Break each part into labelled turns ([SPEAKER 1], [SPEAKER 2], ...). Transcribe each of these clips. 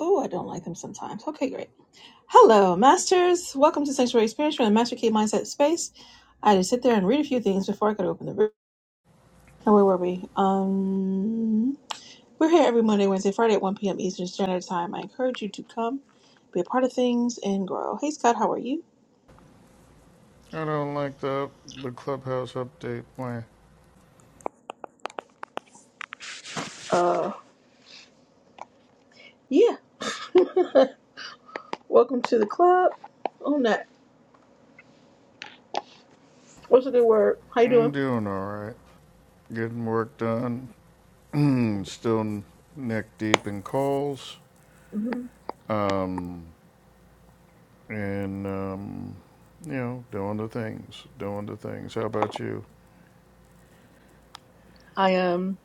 [SPEAKER 1] Oh, I don't like them sometimes. Okay, great. Hello, Masters. Welcome to Sanctuary Experience from the Master Key Mindset Space. I had to sit there and read a few things before I could open the room. Now, where were we? Um, we're here every Monday, Wednesday, Friday at 1 p.m. Eastern Standard Time. I encourage you to come, be a part of things, and grow. Hey, Scott, how are you?
[SPEAKER 2] I don't like the the clubhouse update plan.
[SPEAKER 1] Uh, yeah. Welcome to the club. Oh, that. What's a good word? How you
[SPEAKER 2] I'm
[SPEAKER 1] doing?
[SPEAKER 2] doing all right, getting work done. Still neck deep in calls,
[SPEAKER 1] hmm
[SPEAKER 2] um, and um, you know, doing the things, doing the things. How about you?
[SPEAKER 1] I am.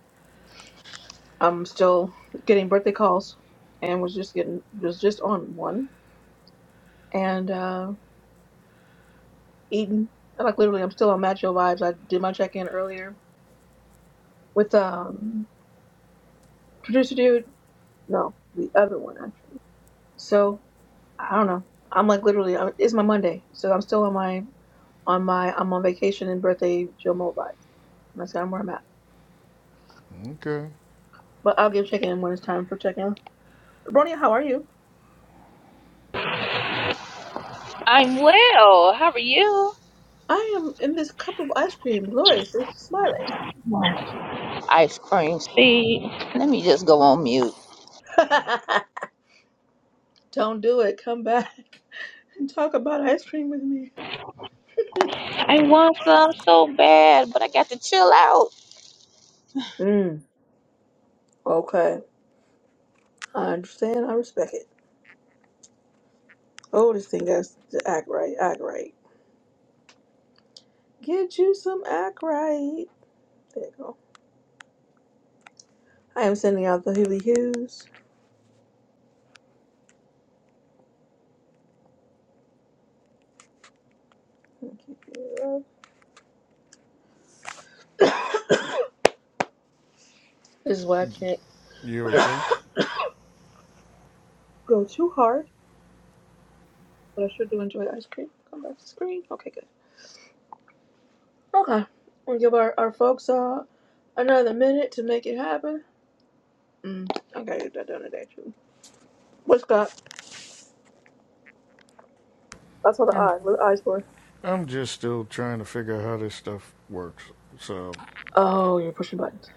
[SPEAKER 1] I'm still getting birthday calls, and was just getting was just on one. and uh, eating. I'm like literally, I'm still on Macho vibes. I did my check in earlier with um producer dude. No, the other one actually. So I don't know. I'm like literally, I- it's my Monday, so I'm still on my on my I'm on vacation and birthday Joe Mo vibes. And that's kind of where I'm at.
[SPEAKER 2] Okay,
[SPEAKER 1] But I'll give check in when it's time for check in. Bronya, how are you?
[SPEAKER 3] I'm well. How are you?
[SPEAKER 1] I am in this cup of ice cream, gloriously smiling.
[SPEAKER 3] Ice cream seed. Let me just go on mute.
[SPEAKER 1] Don't do it. Come back and talk about ice cream with me.
[SPEAKER 3] I want some so bad, but I got to chill out.
[SPEAKER 1] Mm, okay. I understand. I respect it. Oldest thing has to act right. Act right. Get you some act right. There you go. I am sending out the Huey Hughes. Thank you, love. This is why I can't
[SPEAKER 2] you okay?
[SPEAKER 1] go too hard, but I sure do enjoy ice cream. Come back to the screen. Okay, good. Okay. We'll give our, our folks uh, another minute to make it happen. Mm, I gotta get that done today, too. What's that? That's all the
[SPEAKER 2] I'm
[SPEAKER 1] eye. What are the eyes for?
[SPEAKER 2] I'm just still trying to figure out how this stuff works. So
[SPEAKER 1] Oh, you're pushing buttons.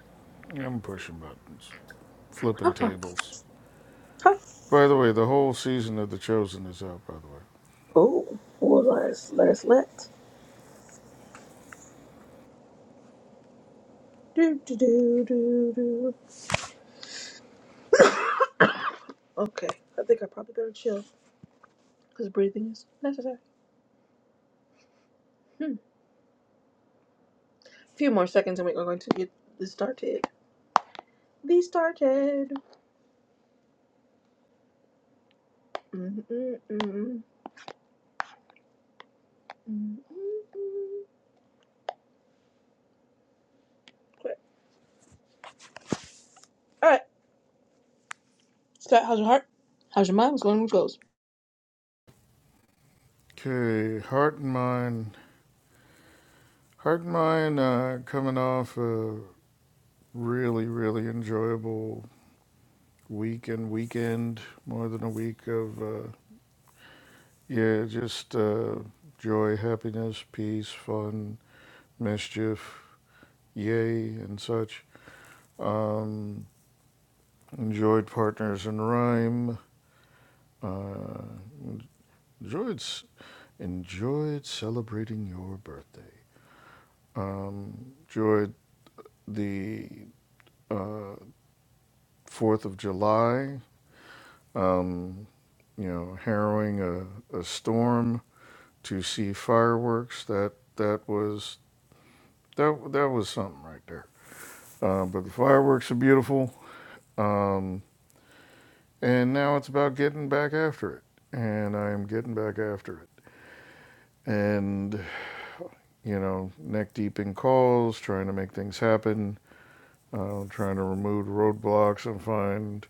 [SPEAKER 2] I'm pushing buttons, flipping
[SPEAKER 1] Okay.
[SPEAKER 2] tables.
[SPEAKER 1] Huh.
[SPEAKER 2] By the way, the whole season of The Chosen is out. By the
[SPEAKER 1] Oh, well, let us let. Do, do, do, do, do. Okay, I think I probably better chill because breathing is necessary. Hmm. A few more seconds and we're going to get this started. Be started. Mm, mm, mm, mm, mm, mm. Great. All right, Scott, how's your heart? How's your mind? What's going on with goals?
[SPEAKER 2] way. Okay, Heart and Mind Heart and Mind uh, coming off a really, really enjoyable week and weekend, more than a week of, uh, yeah, just uh, joy, happiness, peace, fun, mischief, yay, and such. Enjoyed Partners in Rhyme. Uh, enjoyed, enjoyed celebrating your birthday. Um, enjoyed the uh, 4th of July. Um, you know, harrowing a, a storm to see fireworks. That that was that that was something right there. Uh, but the fireworks are beautiful. Um, and now it's about getting back after it. And I am getting back after it. And you know, neck deep in calls, trying to make things happen, uh, trying to remove roadblocks and find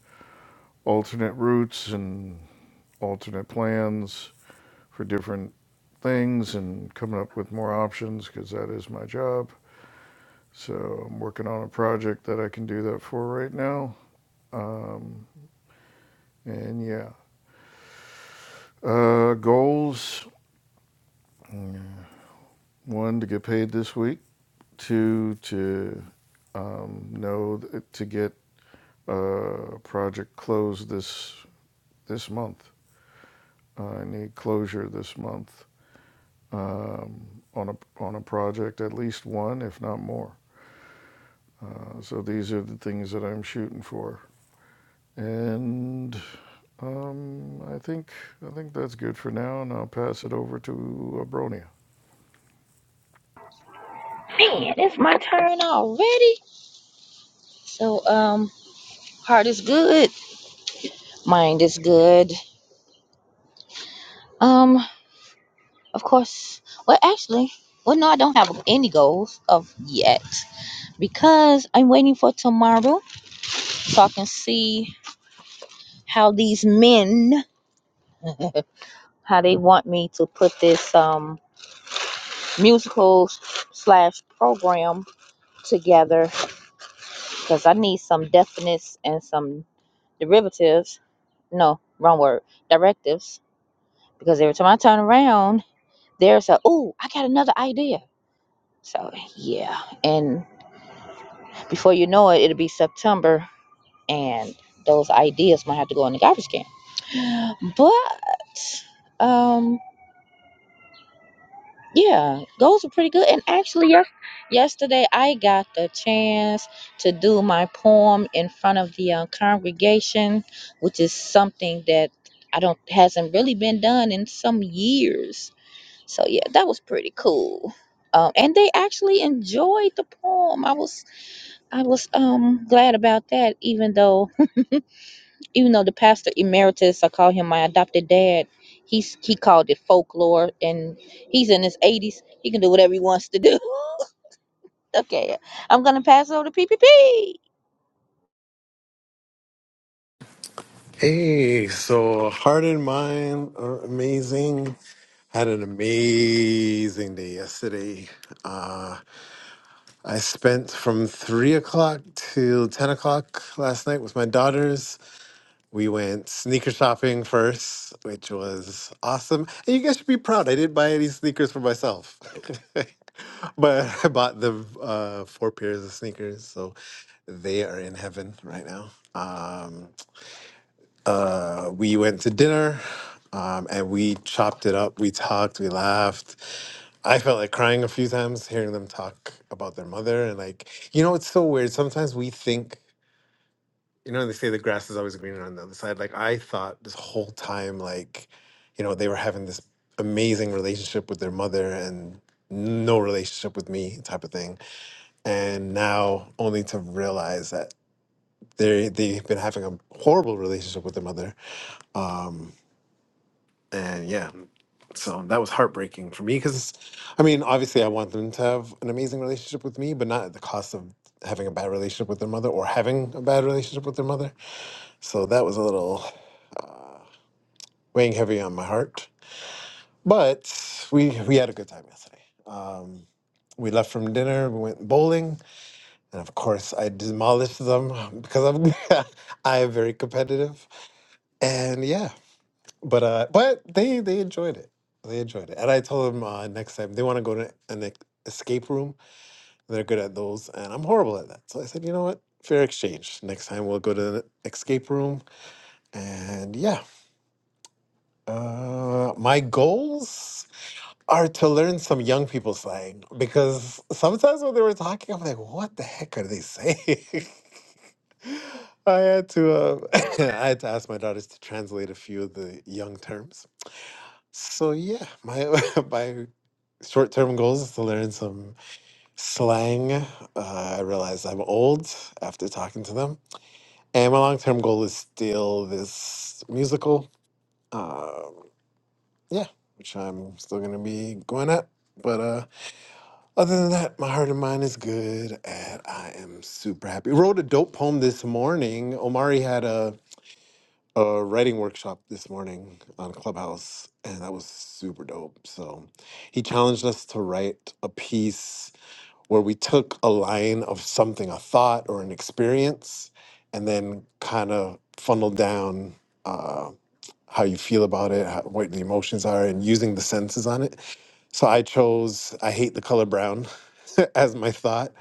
[SPEAKER 2] alternate routes and alternate plans for different things and coming up with more options because that is my job. So I'm working on a project that I can do that for right now. Um, and yeah, uh, goals one to get paid this week, two to um, know th- to get uh, a project closed this this month. Uh, I need closure this month um, on a on a project, at least one, if not more. Uh, so these are the things that I'm shooting for. And um, I think I think that's good for now, and I'll pass it over to Abronia.
[SPEAKER 3] Man, it's my turn already. So, um, heart is good, mind is good. Um, of course. Well, actually, well, no, I don't have any goals of yet because I'm waiting for tomorrow so I can see how these men how they want me to put this um musicals slash program together because I need some definites and some derivatives. No, wrong word. Directives. Because every time I turn around, there's a "Ooh, I got another idea. So yeah, and before you know it, it'll be September, and those ideas might have to go in the garbage can. But um, Yeah, those are pretty good. And actually, yes, yesterday I got the chance to do my poem in front of the uh, congregation, which is something that I don't hasn't really been done in some years. So yeah, that was pretty cool. Um, and they actually enjoyed the poem. I was I was um glad about that, even though even though the pastor emeritus, I call him my adopted dad, he's he called it folklore, and he's in his eighties. He can do whatever he wants to do. okay, I'm gonna pass over to PPP.
[SPEAKER 4] Hey, so heart and mind are amazing. Had an amazing day yesterday. Uh, I spent from three o'clock till ten o'clock last night with my daughters. We went sneaker shopping first, which was awesome. And you guys should be proud. I didn't buy any sneakers for myself, but I bought the uh, four pairs of sneakers. So they are in heaven right now. Um, uh, we went to dinner um, and we chopped it up. We talked, we laughed. I felt like crying a few times hearing them talk about their mother. And like, you know, it's so weird. Sometimes we think, you know, they say the grass is always greener on the other side. Like, I thought this whole time, like, you know, they were having this amazing relationship with their mother and no relationship with me type of thing. And now only to realize that they they've been having a horrible relationship with their mother. Um, and yeah so that was heartbreaking for me because i mean obviously i want them to have an amazing relationship with me but not at the cost of having a bad relationship with their mother or having a bad relationship with their mother so that was a little uh, weighing heavy on my heart but we we had a good time yesterday um, we left from dinner we went bowling and of course i demolished them because i'm i am very competitive and yeah But uh, but they they enjoyed it. They enjoyed it, and I told them uh, next time they want to go to an e- escape room. They're good at those, and I'm horrible at that. So I said, you know what? Fair exchange. Next time we'll go to an escape room, and yeah. Uh, my goals are to learn some young people slang because sometimes when they were talking, I'm like, what the heck are they saying? I had to uh, I had to ask my daughters to translate a few of the young terms. So yeah, my my Short-term goals is to learn some slang. Uh, I realize I'm old after talking to them, and my long-term goal is still this musical. Um, yeah, which I'm still gonna be going at. But uh, other than that, my heart and mind is good, and I am super happy. Wrote a dope poem this morning. Omari had a a writing workshop this morning on Clubhouse, and that was super dope. So he challenged us to write a piece where we took a line of something, a thought or an experience, and then kind of funneled down uh, how you feel about it, how, what the emotions are, and using the senses on it. So I chose I hate the color brown as my thought,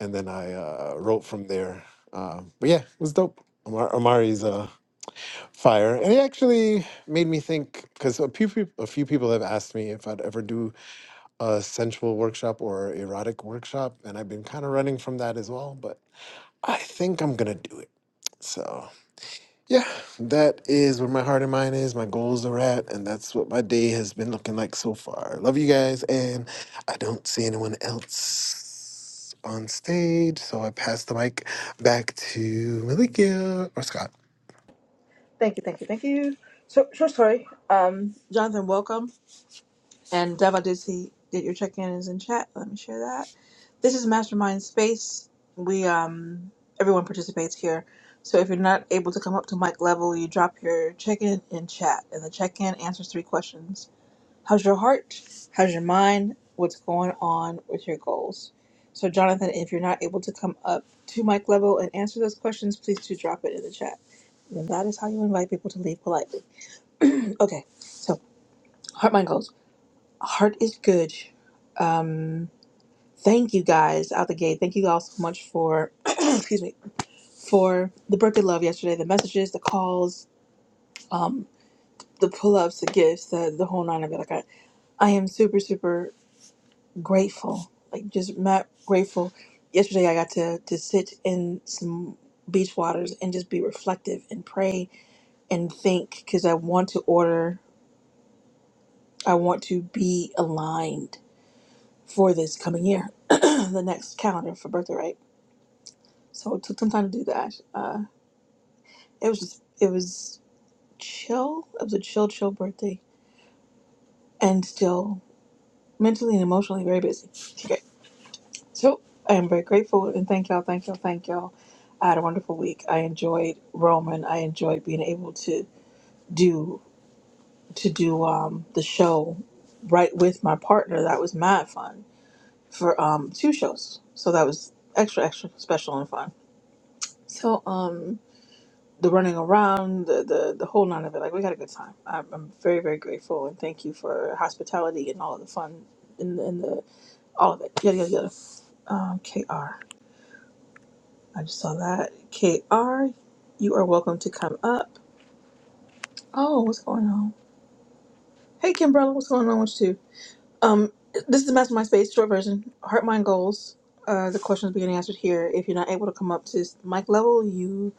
[SPEAKER 4] and then I uh, wrote from there. Uh, but yeah, it was dope. Amar- Amari's uh, fire, and it actually made me think because a few peop- a few people have asked me if I'd ever do a sensual workshop or erotic workshop, and I've been kind of running from that as well. But I think I'm gonna do it. So yeah, that is where my heart and mind is. My goals are at, and that's what my day has been looking like so far. Love you guys, and I don't see anyone else on stage, so I pass the mic back to Malikia or Scott.
[SPEAKER 1] Thank you, thank you, thank you. So, so sorry. Um, Jonathan, welcome. And Deva did see that your check-in is in chat. Let me share that. This is Mastermind Space. We um everyone participates here. So if you're not able to come up to mic level, you drop your check-in in chat, and the check-in answers three questions: How's your heart? How's your mind? What's going on with your goals? So Jonathan, if you're not able to come up to mic level and answer those questions, please do drop it in the chat. And that is how you invite people to leave politely. Okay, so heart, mind, goals. Heart is good. Um, thank you guys out the gate. Thank you all so much for, excuse me, for the birthday love yesterday, the messages, the calls, um, the pull ups, the gifts, the, the whole nine of it. Like I, I am super, super grateful. Like just mad grateful. Yesterday I got to, to sit in some beach waters and just be reflective and pray and think because I want to order, I want to be aligned for this coming year, the next calendar for birthday, right. So it took some time to do that. Uh, it was just, it was chill. It was a chill, chill birthday, and still mentally and emotionally very busy. Okay, so I am very grateful and thank y'all, thank y'all, thank y'all. I had a wonderful week. I enjoyed Roman. I enjoyed being able to do to do um, the show right with my partner. That was mad fun for um, two shows. So that was extra, extra special and fun. So um the running around, the, the the whole nine of it. Like we had a good time. I'm, I'm very very grateful and thank you for hospitality and all of the fun and, and the all of it. Yada yada yada. Um, Kr, I just saw that. Kr, you are welcome to come up. Oh, what's going on? Hey, Kimberla, what's going on with you? Um, this is the Mastermind Space short version. Heart, mind, goals. Uh, the questions being answered here. If you're not able to come up to mic level, you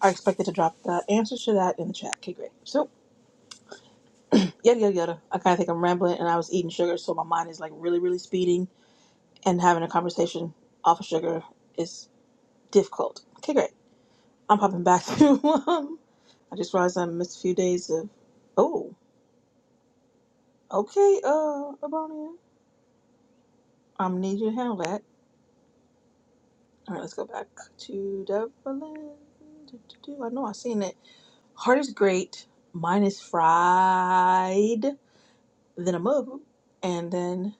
[SPEAKER 1] are expected to drop the answers to that in the chat. Okay, great. So yada yada yada. I kind of think I'm rambling, and I was eating sugar, so my mind is like really, really speeding, and having a conversation off of sugar is difficult. Okay, great. I'm popping back to. Um, I just realized I missed a few days of. Oh, okay, uh, Abonia. I'm need you to handle that. All right, let's go back to Devlin. Do, do, do. I know I seen it. Heart is great. Mine is fried. then a mug, and then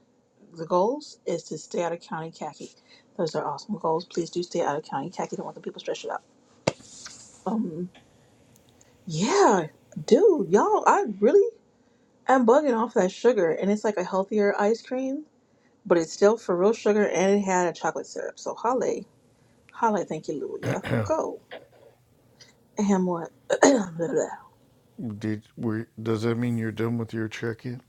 [SPEAKER 1] the goals is to stay out of county khaki. Those are awesome goals. Please do stay out of county khaki. Don't want the people stressed out. Um, yeah, dude, y'all, I really am bugging off that sugar, and it's like a healthier ice cream, but it's still for real sugar, and it had a chocolate syrup. So holly, holly, thank you, Lulia. Go and what? blah, blah. blah.
[SPEAKER 2] Did were, does that mean you're done with your check-in?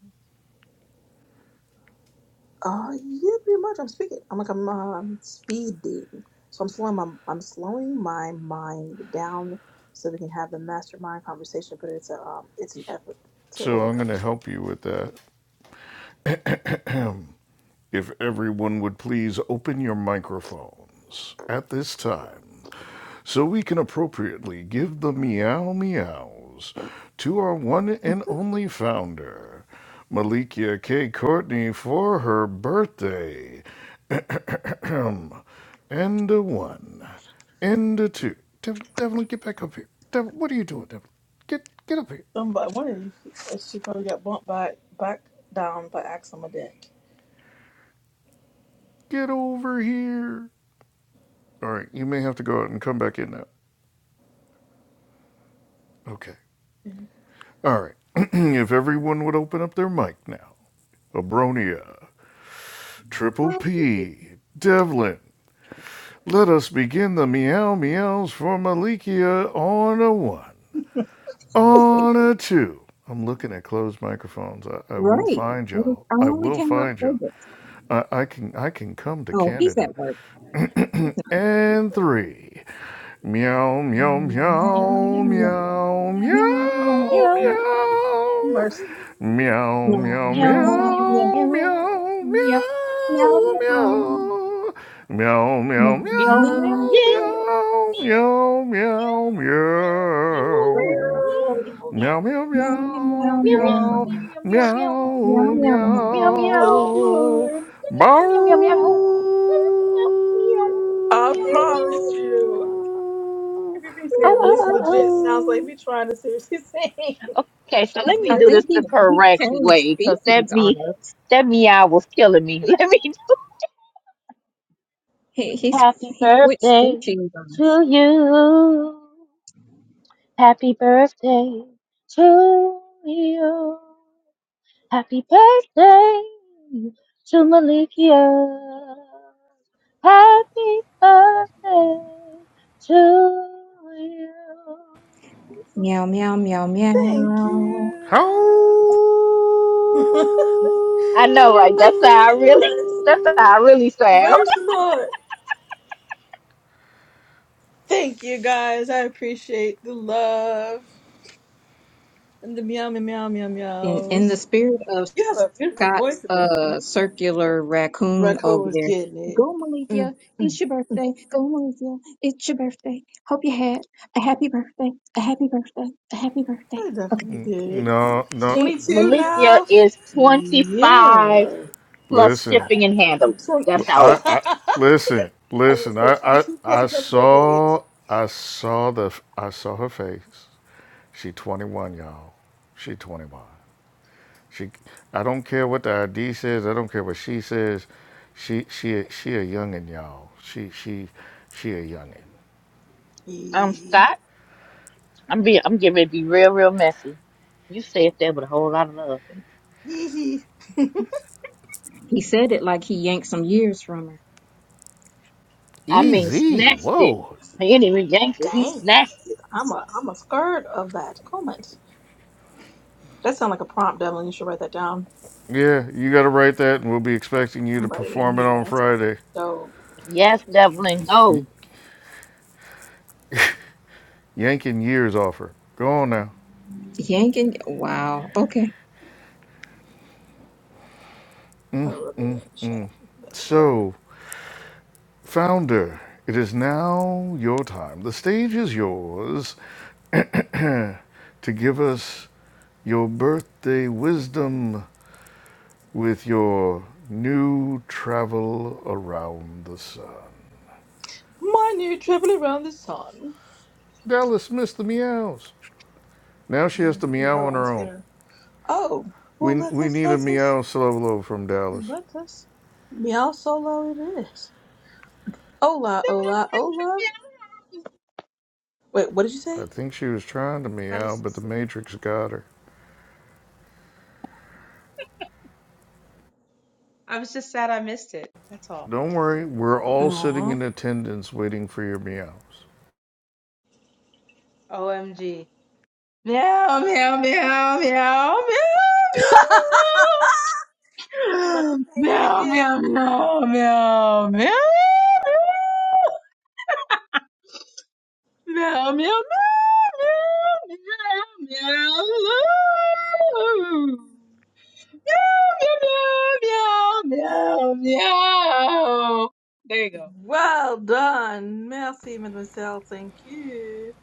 [SPEAKER 1] Uh, yeah, pretty much. I'm speaking. I'm like I'm um, speeding, so I'm slowing my I'm slowing my mind down so we can have the mastermind conversation. But it's a um, it's an effort to
[SPEAKER 2] So I'm
[SPEAKER 1] overcome
[SPEAKER 2] going
[SPEAKER 1] the
[SPEAKER 2] to
[SPEAKER 1] shit.
[SPEAKER 2] help you with that. If everyone would please open your microphones at this time, so we can appropriately give the meow meows to our one and only founder, Malikia K. Courtney, for her birthday. Ahem. And a one. And a two. Dev- Devlin, get back up here. Dev- what are you doing, Devlin? Get get up here.
[SPEAKER 1] Somebody, one of you, she probably got bumped by back down by Axel deck.
[SPEAKER 2] Get over here. All right, you may have to go out and come back in now. Okay. All right. if everyone would open up their mic now. Abronia, Triple P, Devlin. Let us begin the meow meows for Malikia on a one, on a two. I'm looking at closed microphones. I, I will
[SPEAKER 5] Right.
[SPEAKER 2] find
[SPEAKER 5] Well,
[SPEAKER 2] y'all.
[SPEAKER 5] I
[SPEAKER 2] I
[SPEAKER 5] only
[SPEAKER 2] will
[SPEAKER 5] came up
[SPEAKER 2] find y'all.
[SPEAKER 5] with it.
[SPEAKER 2] I, I can I can come to
[SPEAKER 5] Oh, he's
[SPEAKER 2] Canada.
[SPEAKER 5] at work. He's not giving
[SPEAKER 2] And
[SPEAKER 5] it
[SPEAKER 2] three. Meow
[SPEAKER 5] La,
[SPEAKER 2] meow
[SPEAKER 5] la, la,
[SPEAKER 3] Yum,
[SPEAKER 2] meow meow
[SPEAKER 5] la,
[SPEAKER 2] meow
[SPEAKER 5] la, la, la, la,
[SPEAKER 3] yum,
[SPEAKER 2] meow
[SPEAKER 1] Mercy,
[SPEAKER 2] meow meow meow
[SPEAKER 3] yum, yum,
[SPEAKER 5] la, la,
[SPEAKER 2] meow meow meow
[SPEAKER 3] yum, yum, yeah.
[SPEAKER 5] la, la,
[SPEAKER 2] meow
[SPEAKER 5] la,
[SPEAKER 2] meow meow meow
[SPEAKER 5] la,
[SPEAKER 3] Meow meow meow meow meow
[SPEAKER 2] meow meow meow
[SPEAKER 5] la.
[SPEAKER 3] meow
[SPEAKER 2] Meow, meow,
[SPEAKER 5] meow Meow, meow,
[SPEAKER 2] meow,
[SPEAKER 5] meow, meow,
[SPEAKER 3] meow
[SPEAKER 5] meow,
[SPEAKER 2] meow,
[SPEAKER 3] meow meow meow
[SPEAKER 5] meow.
[SPEAKER 2] meow,
[SPEAKER 3] meow meow
[SPEAKER 1] oh,
[SPEAKER 3] meow
[SPEAKER 2] meow.
[SPEAKER 1] Lord,
[SPEAKER 2] Bow.
[SPEAKER 1] I
[SPEAKER 5] Meow,
[SPEAKER 1] promise you. PPP
[SPEAKER 5] meow,
[SPEAKER 1] said
[SPEAKER 2] Ow, ow,
[SPEAKER 1] this
[SPEAKER 2] ow,
[SPEAKER 5] meow.
[SPEAKER 1] legit sounds like
[SPEAKER 2] ow.
[SPEAKER 1] me trying to seriously sing.
[SPEAKER 3] Okay, so let me
[SPEAKER 5] I
[SPEAKER 3] do
[SPEAKER 5] think
[SPEAKER 3] this
[SPEAKER 1] Mercy,
[SPEAKER 5] he,
[SPEAKER 3] the
[SPEAKER 5] he
[SPEAKER 3] correct
[SPEAKER 5] changed
[SPEAKER 3] way, cause
[SPEAKER 5] species
[SPEAKER 3] that
[SPEAKER 5] on
[SPEAKER 3] me,
[SPEAKER 5] us.
[SPEAKER 3] that meow was killing me. Let me do.
[SPEAKER 5] He he
[SPEAKER 3] Happy
[SPEAKER 5] he switched
[SPEAKER 3] birthday
[SPEAKER 5] species on us.
[SPEAKER 3] to you. Happy birthday to you. Happy birthday to Malikia. Happy birthday to you.
[SPEAKER 5] Meow meow meow
[SPEAKER 1] thank
[SPEAKER 5] meow.
[SPEAKER 2] How?
[SPEAKER 1] you. I
[SPEAKER 3] I know, right? That's how I
[SPEAKER 1] appreciate you
[SPEAKER 3] really.
[SPEAKER 1] guys.
[SPEAKER 3] That's how I really sound.
[SPEAKER 1] Mercy, Lord. Thank you guys. I appreciate the love and the meow meow meow meow
[SPEAKER 5] In in the
[SPEAKER 1] meows.
[SPEAKER 5] spirit of
[SPEAKER 1] You have a beautiful
[SPEAKER 5] Scott's
[SPEAKER 1] voice about you.
[SPEAKER 5] uh circular raccoon over
[SPEAKER 1] Raccoon was
[SPEAKER 5] there,
[SPEAKER 1] getting it.
[SPEAKER 5] go
[SPEAKER 1] Mm,
[SPEAKER 5] Malikia,
[SPEAKER 1] mm.
[SPEAKER 5] it's your birthday. Go Malikia, it's your birthday. Hope you had a happy birthday, a happy birthday, a happy birthday.
[SPEAKER 1] I
[SPEAKER 5] Okay.
[SPEAKER 1] definitely did.
[SPEAKER 2] No, no.
[SPEAKER 1] 22 now? Yeah.
[SPEAKER 3] Look,
[SPEAKER 2] Listen.
[SPEAKER 1] I- I'm 20.
[SPEAKER 2] I, I
[SPEAKER 1] I
[SPEAKER 2] listen,
[SPEAKER 1] was going
[SPEAKER 2] listen.
[SPEAKER 1] to
[SPEAKER 2] I,
[SPEAKER 1] say
[SPEAKER 2] I,
[SPEAKER 1] 22 plus
[SPEAKER 2] I
[SPEAKER 1] a couple decades.
[SPEAKER 2] saw, I saw the, I saw her face. She 21, y'all. She 21. She, I don't care what the ID says. I don't care what she says. She, she, she a youngin, y'all. She, she, she a youngin.
[SPEAKER 3] I'm
[SPEAKER 1] Yee.
[SPEAKER 3] Scott. I'm be. I'm getting ready to be real, real messy. You said that with a whole lot of love. baby.
[SPEAKER 1] Yee hee.
[SPEAKER 5] He said it like he yanked some years from her.
[SPEAKER 3] I mean,
[SPEAKER 2] Easy.
[SPEAKER 3] snatched it.
[SPEAKER 2] Whoa.
[SPEAKER 3] He didn't even yank it. He
[SPEAKER 1] Damn.
[SPEAKER 3] snatched it.
[SPEAKER 1] I'm a, I'm a scared of that comment. That sounds like a prompt, Devlin. You should write that down.
[SPEAKER 2] Yeah, you got to write that, and we'll be expecting you to
[SPEAKER 1] Somebody in
[SPEAKER 2] perform it
[SPEAKER 1] here that
[SPEAKER 2] on Friday.
[SPEAKER 1] sounds dope.
[SPEAKER 3] Yes, Devlin,
[SPEAKER 2] Y-
[SPEAKER 3] go.
[SPEAKER 2] yanking years off her. Go on now.
[SPEAKER 5] Yanking, wow. Okay.
[SPEAKER 1] I wrote it in the chat. That's what I
[SPEAKER 2] So. Founder, it is now your time. The stage is yours to give us your birthday wisdom with your new travel around the sun.
[SPEAKER 1] My new travel around the sun.
[SPEAKER 2] Dallas missed the meows. Now she has to
[SPEAKER 1] Wait,
[SPEAKER 2] meow
[SPEAKER 1] Hold
[SPEAKER 2] on
[SPEAKER 1] on, let's
[SPEAKER 2] her
[SPEAKER 1] get
[SPEAKER 2] own.
[SPEAKER 1] her. Oh, well,
[SPEAKER 2] We,
[SPEAKER 1] let
[SPEAKER 2] we
[SPEAKER 1] us,
[SPEAKER 2] need a
[SPEAKER 1] let us,
[SPEAKER 2] meow solo from Dallas.
[SPEAKER 1] let us. Meow solo it is. Hola, hola, hola. Wait, what did you say?
[SPEAKER 2] I think she was trying to
[SPEAKER 6] I
[SPEAKER 2] meow,
[SPEAKER 6] was
[SPEAKER 2] but the Matrix got her.
[SPEAKER 6] I was just sad I missed it. That's all.
[SPEAKER 2] Don't worry, we're all sitting
[SPEAKER 1] Aww.
[SPEAKER 2] in attendance waiting for your meows.
[SPEAKER 6] OMG. Meow meow meow meow meow meow meow
[SPEAKER 1] let the game
[SPEAKER 6] meow
[SPEAKER 1] begin.
[SPEAKER 6] meow meow meow meow meow meow meow meow meow meow meow meow meow meow meow. There you go.
[SPEAKER 1] Well done. Merci, mademoiselle. Thank you.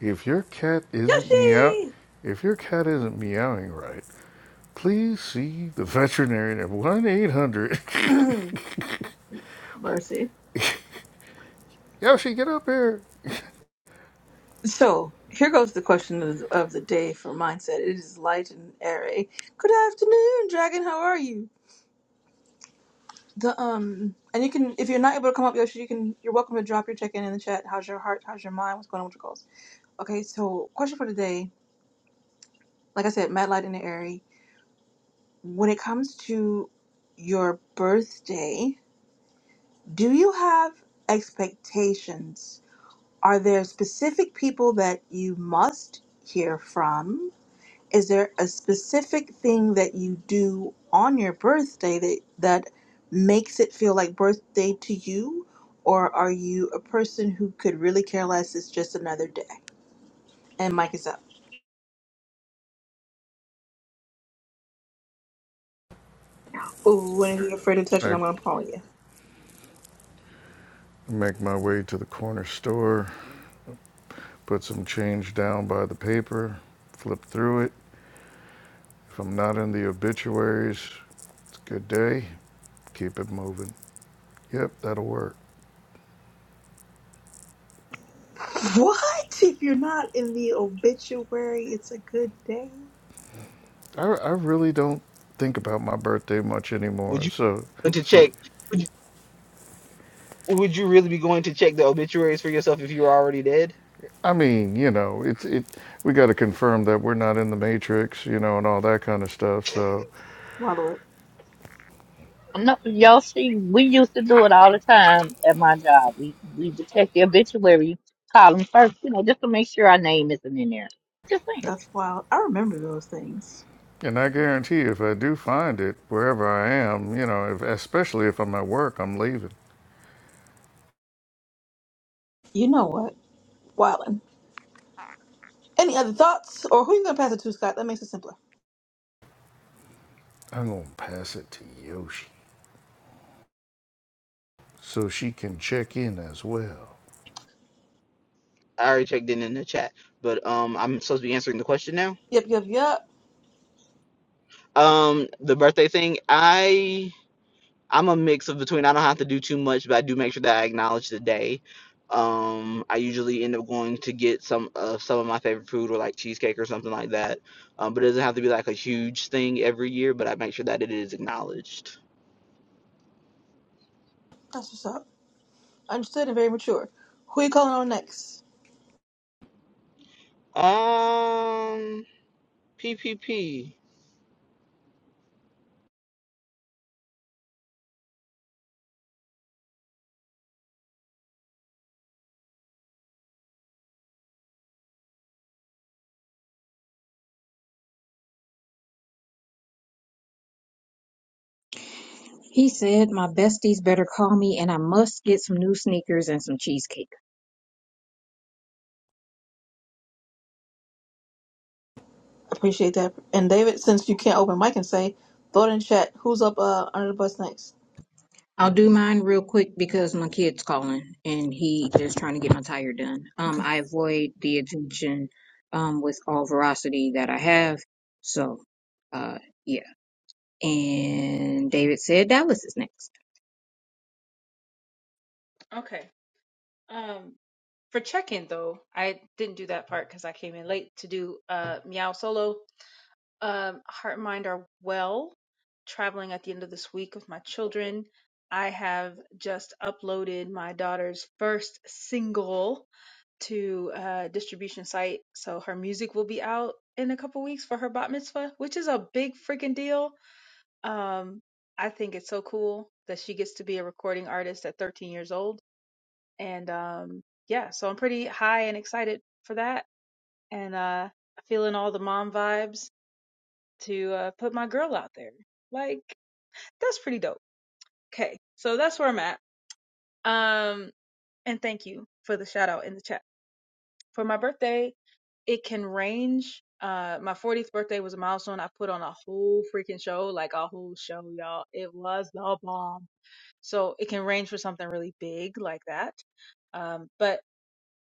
[SPEAKER 2] If your cat isn't meow,
[SPEAKER 1] Yoshi!
[SPEAKER 2] if your cat isn't meowing right, please see the veterinarian at 1-800.
[SPEAKER 1] Mercy.
[SPEAKER 2] Yoshi, get up here.
[SPEAKER 1] So here goes the question of the, of the day for mindset. It is light and airy. Good afternoon, Dragon. How are you? The um, and you can if you're not able to come up, Yoshi, you can. You're welcome to drop your check in in the chat. How's your heart? How's your mind? What's going on with your goals? Okay, so question for today. Like I said, mad light and airy. When it comes to your birthday, do you have expectations? Are there specific people that you must hear from? is there a specific thing that you do on your birthday that that makes it feel like birthday to you or are you a person who could really care less it's just another day and mike is up Ooh, when are you afraid to touch it
[SPEAKER 2] I
[SPEAKER 1] i'm gonna call you
[SPEAKER 2] make my way to the corner store, put some change down by the paper, flip through it. If I'm not in the obituaries, it's a good day. Keep it moving. Yep, that'll work.
[SPEAKER 1] what if you're not in the obituary it's a good day
[SPEAKER 2] I, I really don't think about my birthday much
[SPEAKER 7] Would
[SPEAKER 2] anymore.
[SPEAKER 7] you
[SPEAKER 2] So,
[SPEAKER 7] go to
[SPEAKER 2] so
[SPEAKER 7] check? Would you, would you really be going to check the obituaries for yourself if you were already dead?
[SPEAKER 2] I mean, you know, it's it. We got to confirm that we're not in the matrix, you know, and all that kind of stuff. So,
[SPEAKER 1] Wallow it.
[SPEAKER 3] I'm not, y'all see, we used to do it all the time at my job. We we would check the obituary column first, you know, just to make sure our name isn't in there. Just saying.
[SPEAKER 1] that's wild i remember those things
[SPEAKER 2] and I guarantee you, if I do find it wherever I am, you know, if, especially if I'm at work, I'm leaving.
[SPEAKER 1] you know what wildin any other thoughts or who you gonna pass it to scott that makes it simpler
[SPEAKER 2] I'm gonna pass it to Yoshi so she can check in as well.
[SPEAKER 7] I already checked in in the chat, but um, I'm supposed to be answering the question now.
[SPEAKER 1] yep yep yep
[SPEAKER 7] Um, the birthday thing, I I'm a mix of between. I don't have to do too much, but I do make sure that I acknowledge the day. Um, I usually end up going to get some of some of my favorite food or like cheesecake or something like that. Um, but it doesn't have to be like a huge thing every year, but I make sure that it is acknowledged.
[SPEAKER 1] that's what's up Understood and very mature. Who you calling on next?
[SPEAKER 7] Um, P P P.
[SPEAKER 5] He said, my besties better call me and I must get some new sneakers and some cheesecake.
[SPEAKER 1] Appreciate that. And David, since you can't open mic and say, throw it in chat. Who's up uh, under the bus next?
[SPEAKER 5] I'll do mine real quick because my kid's calling and he just trying to get my tire done. Um,
[SPEAKER 1] Okay.
[SPEAKER 5] I avoid the attention um with all veracity that I have. So, uh, yeah. And David said Dallas is next.
[SPEAKER 6] Okay. Um, for check-in though, I didn't do that part because I came in late to do uh meow solo. Um, heart and mind are well. Traveling at the end of this week with my children. I have just uploaded my daughter's first single to a distribution site, so her music will be out in a couple weeks for her bat mitzvah, which is a big freaking deal. Um, I think it's so cool that she gets to be a recording artist at 13 years old and um yeah so i'm pretty high and excited for that and uh feeling all the mom vibes to uh put my girl out there like that's pretty dope okay so that's where i'm at um and thank you for the shout out in the chat for my birthday it can range uh my 40th birthday was a milestone i put on a whole freaking show like a whole show y'all it was the bomb so it can range for something really big like that um, but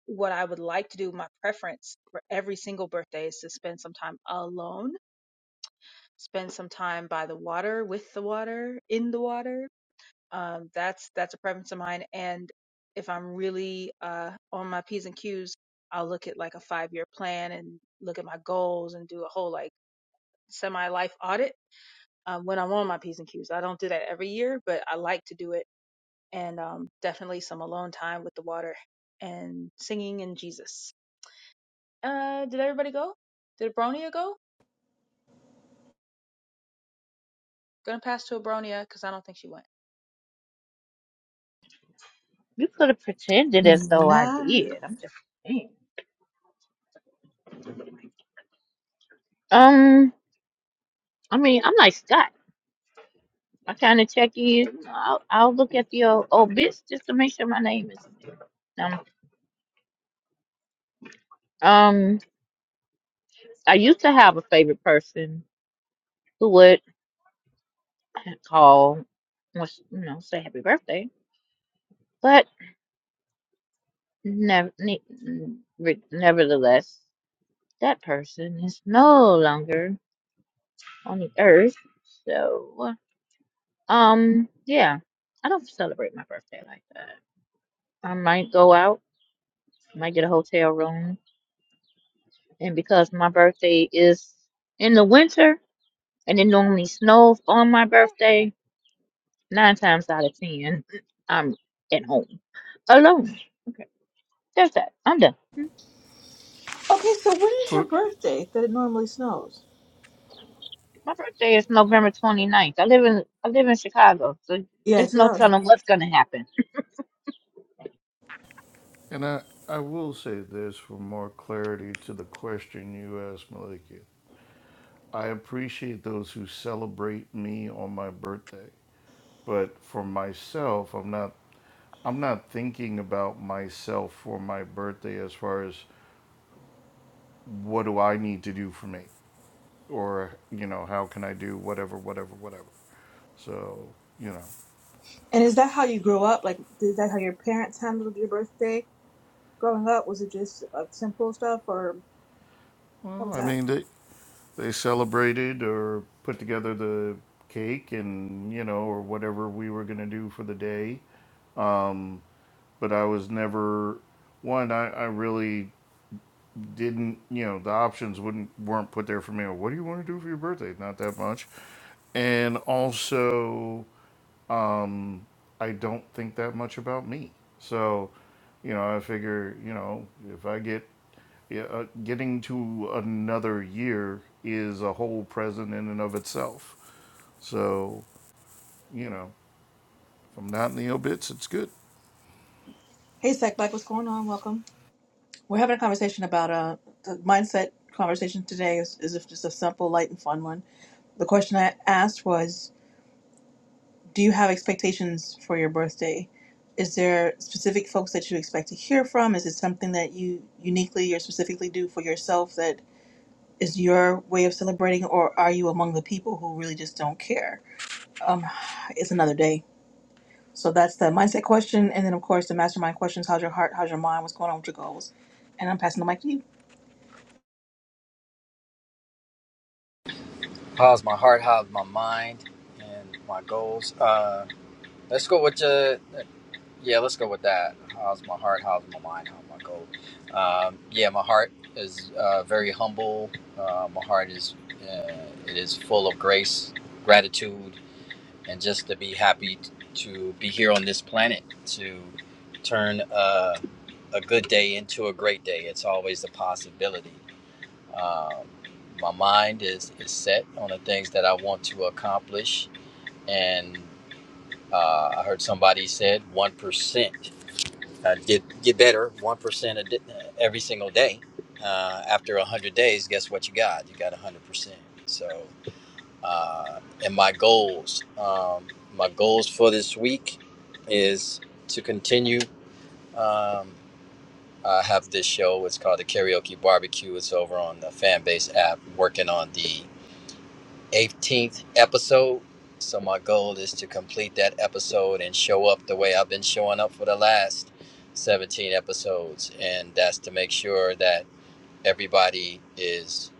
[SPEAKER 6] what I would like to do, my preference for every single birthday is to spend some time alone, spend some time by the water, with the water, in the water. Um, that's that's a preference of mine. And if I'm really uh, on my p's and q's, I'll look at like a five year plan and look at my goals and do a whole like semi life audit uh, when I'm on my p's and q's. I don't do that every year, but I like to do it. And um, definitely some alone time with the water and singing and Jesus. Uh, did everybody go? Did Abronia go? Gonna pass to Abronia because I don't think she went.
[SPEAKER 3] You could have pretended as though I
[SPEAKER 1] Nah.
[SPEAKER 3] did. I'm just saying. Um, I mean, I'm like Scott. I kind of check in. I'll, I'll look at the old, old bits just to make sure my name is. Um, um, I used to have a favorite person who would call, was you know, say happy birthday, but never, ne- re- nevertheless, that person is no longer on the earth. So, um, yeah, I don't celebrate my birthday like that. I might go out, might get a hotel room, and because my birthday is in the winter And it normally snows on my birthday. Nine times out of ten, I'm at home alone. That's that. I'm done.
[SPEAKER 1] Okay, so when is your
[SPEAKER 2] For,
[SPEAKER 1] birthday that it normally snows?
[SPEAKER 3] My birthday is November 29th. I live in I live in Chicago, so
[SPEAKER 1] Yeah,
[SPEAKER 3] there's
[SPEAKER 1] see
[SPEAKER 3] no
[SPEAKER 1] that was.
[SPEAKER 3] telling what's gonna happen.
[SPEAKER 2] and I, I will say this for more clarity to the question you asked, Malika. I appreciate those who celebrate me on my birthday, but for myself, I'm not I'm not thinking about myself for my birthday as far as what do I need to do for me or, you know, how can I do whatever, whatever, whatever. So, you know,
[SPEAKER 1] And is that how you grow up? Like, is that how your parents handled your birthday growing up? Was it just like simple stuff, or how
[SPEAKER 2] well,
[SPEAKER 1] was
[SPEAKER 2] I
[SPEAKER 1] that?
[SPEAKER 2] mean, they, they celebrated or put together the cake and, you know, or whatever we were going to do for the day. But I was never one I, I really didn't you know the options wouldn't weren't put there for me what do you want to do for your birthday not that much and also I don't think that much about me. So, you know, I figure, you know, if I get yeah, uh, getting to another year is a whole present in and of itself. So, you know, if I'm not in the obits, it's good.
[SPEAKER 1] Hey, Sack Black, what's going on? Welcome. We're having a conversation about uh, the mindset conversation today is, is just a simple, light, and fun one. The question I asked was Do you have expectations for your birthday? Is there specific folks that you expect to hear from? Is it something that you uniquely or specifically do for yourself that is your way of celebrating, or are you among the people who really just don't care? Um, it's another day. So that's the mindset question. And then, of course, the mastermind questions how's your heart? How's your mind? What's going on with your goals? And I'm passing the mic to you.
[SPEAKER 8] How's my heart? How's my mind? And my goals. Uh, let's go with uh, yeah. Let's go with that. How's my heart? How's my mind? How's my goals? Um, yeah, my heart is uh, very humble. Uh, my heart is uh, it is full of grace, gratitude, and just to be happy t- to be here on this planet to turn uh, a good day into a great day. It's always a possibility. Um, my mind is, is set on the things that I want to accomplish. And uh, I heard somebody said 1%. I did get better 1% a di- every single day. Uh, after 100 days, guess what you got? You got 100%. So, uh, and my goals, um, my goals for this week is to continue. Um, I have this show. It's called the Karaoke Barbecue. It's over on the Fanbase app. Working on the 18th episode. So my goal is to complete that episode and show up the way I've been showing up for the last 17 episodes. And that's to make sure that everybody is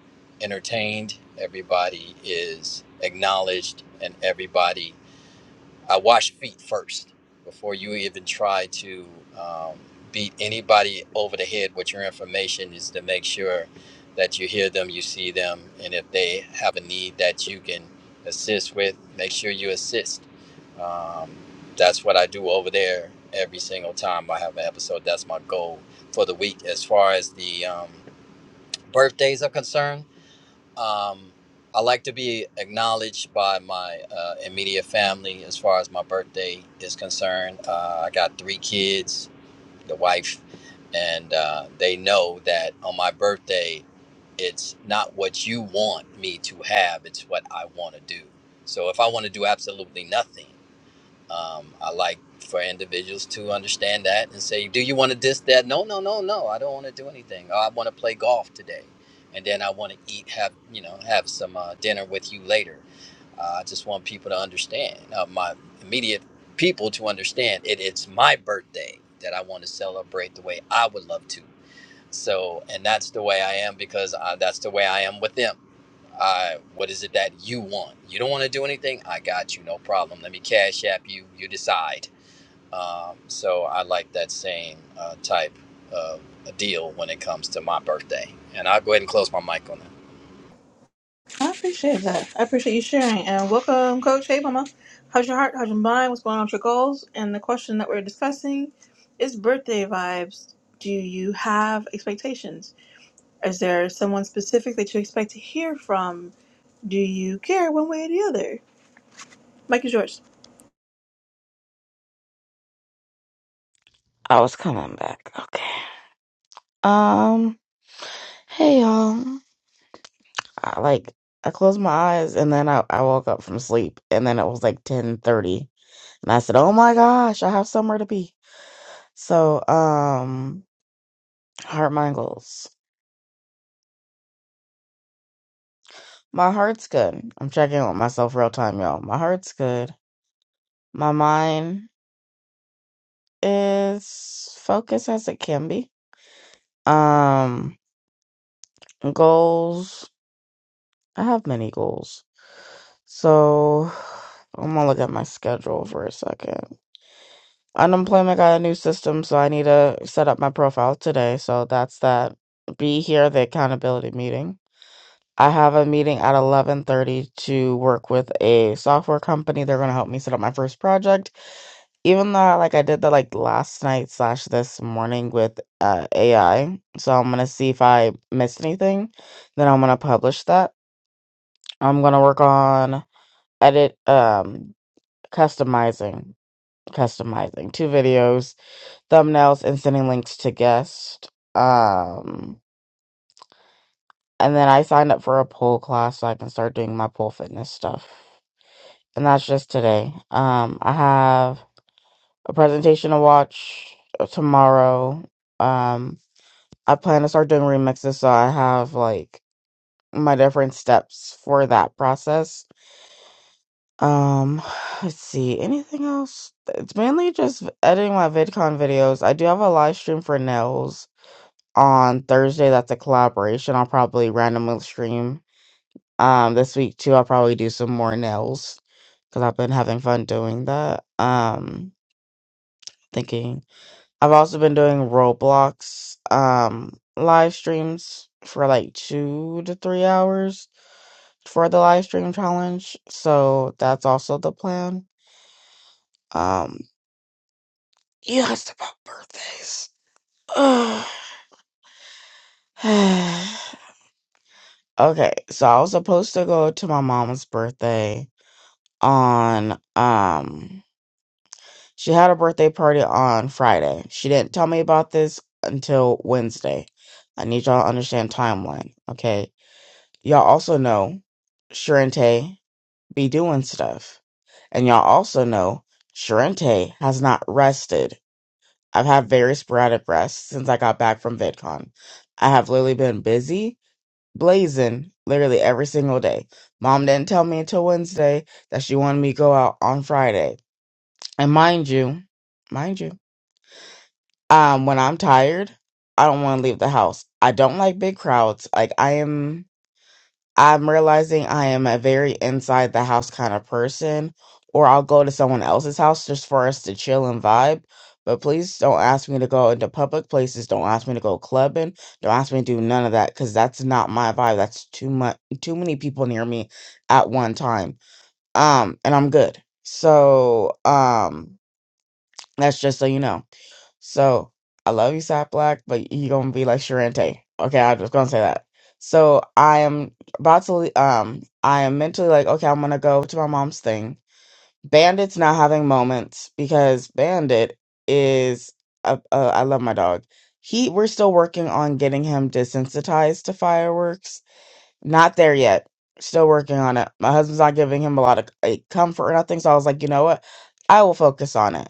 [SPEAKER 8] entertained, everybody is acknowledged, and everybody I wash feet first before you even try to um, beat anybody over the head with your information is to make sure that you hear them, you see them, and if they have a need that you can assist with, make sure you assist. Um, that's what I do over there every single time I have an episode. That's my goal for the week. As far as the um, birthdays are concerned, um, I like to be acknowledged by my uh, immediate family as far as my birthday is concerned. Uh, I got three kids, the wife, and uh, they know that on my birthday, it's not what you want me to have, it's what I want to do. So if I want to do absolutely nothing, um, I like for individuals to understand that and say, "Do you want to this that?" No, no, no, no. I don't want to do anything. Oh, I want to play golf today, and then I want to eat, have you know, have some uh, dinner with you later. Uh, I just want people to understand, uh, my immediate people to understand it. It's my birthday that I want to celebrate the way I would love to. So, and that's the way I am because uh, that's the way I am with them uh, what is it that you want? You don't want to do anything? I got you, no problem. Let me cash app you. You decide. Um, so I like that same uh, type of a deal when it comes to my birthday. And I'll go ahead and close my mic on that.
[SPEAKER 1] I appreciate that. I appreciate you sharing. And welcome, Coach. Hey, Mama. How's your heart? How's your mind? What's going on with your goals? And the question that we're discussing is birthday vibes. Do you have expectations? Is there someone specific that you expect to hear from? Do you care one way or the other? Mike is yours.
[SPEAKER 9] I was coming back. Okay. Um. Hey y'all. I, like I closed my eyes and then I, I woke up from sleep and then it was like ten thirty and I said, "Oh my gosh, I have somewhere to be." So um, heart mind goals. My heart's good. I'm checking in with myself real time, y'all. My heart's good. My mind is focused as it can be. Um, goals. I have many goals. So I'm gonna look at my schedule for a second. Unemployment got a new system, so I need to set up my profile today. So that's that. Be here the accountability meeting. I have a meeting at 11:30 to work with a software company. They're gonna help me set up my first project. Even though like I did that like last night slash this morning with uh, AI, so I'm gonna see if I missed anything. Then I'm gonna publish that. I'm gonna work on edit. Um, customizing, customizing two videos, thumbnails, and sending links to guests. Um, and then I signed up for a pole class so I can start doing my pole fitness stuff. And that's just today. Um, I have a presentation to watch uh, tomorrow. Um, I plan to start doing remixes, so I have like my different steps for that process Um, let's see. Anything else? It's mainly just editing my VidCon videos. I do have a live stream for Nails on Thursday. That's a collaboration. I'll probably randomly stream. Um, this week too, I'll probably do some more nails because I've been having fun doing that. Um, thinking I've also been doing Roblox um live streams for like two to three hours for the live stream challenge. So that's also the plan. Um, You asked about birthdays. Ugh. okay, so I was supposed to go to my mom's birthday on um she had a birthday party on Friday. She didn't tell me about this until Wednesday. I need y'all to understand timeline, okay? Y'all also know Sharente be doing stuff. And y'all also know Sharente has not rested I've had very sporadic rest since I got back from VidCon. I have literally been busy, blazing, literally every single day. Mom didn't tell me until Wednesday that she wanted me to go out on Friday. And mind you, mind you, um, when I'm tired, I don't want to leave the house. I don't like big crowds. Like I am. I'm realizing I am a very inside the house kind of person, or I'll go to someone else's house just for us to chill and vibe. But please don't ask me to go into public places. Don't ask me to go clubbing. Don't ask me to do none of that because that's not my vibe. That's too much, too many people near me at one time. Um, and I'm good. So, um, that's just so you know. So I love you, Sap Black, but you gonna be like Sharente. Okay, I was gonna say that. So I am about to le- um I am mentally like, okay, I'm gonna go to my mom's thing. Bandit's not having moments because Bandit is a, a, I love my dog. He we're still working on getting him desensitized to fireworks. Not there yet. Still working on it. My husband's not giving him a lot of like, comfort or nothing. So I was like, you know what? I will focus on it.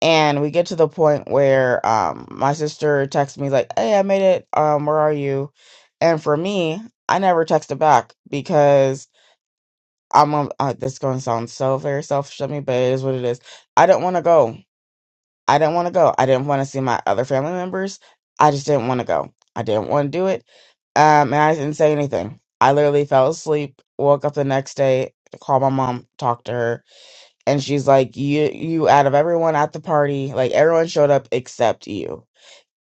[SPEAKER 9] And we get to the point where um my sister texts me like, "Hey, I made it. Um, where are you?" And for me, I never texted back because I'm on. Uh, this is going to sound so very selfish of me, but it is what it is. I didn't want to go. I didn't want to go. I didn't want to see my other family members. I just didn't want to go. I didn't want to do it. Um, and I didn't say anything. I literally fell asleep. Woke up the next day, called my mom, talked to her, and she's like you you out of everyone at the party like everyone showed up except you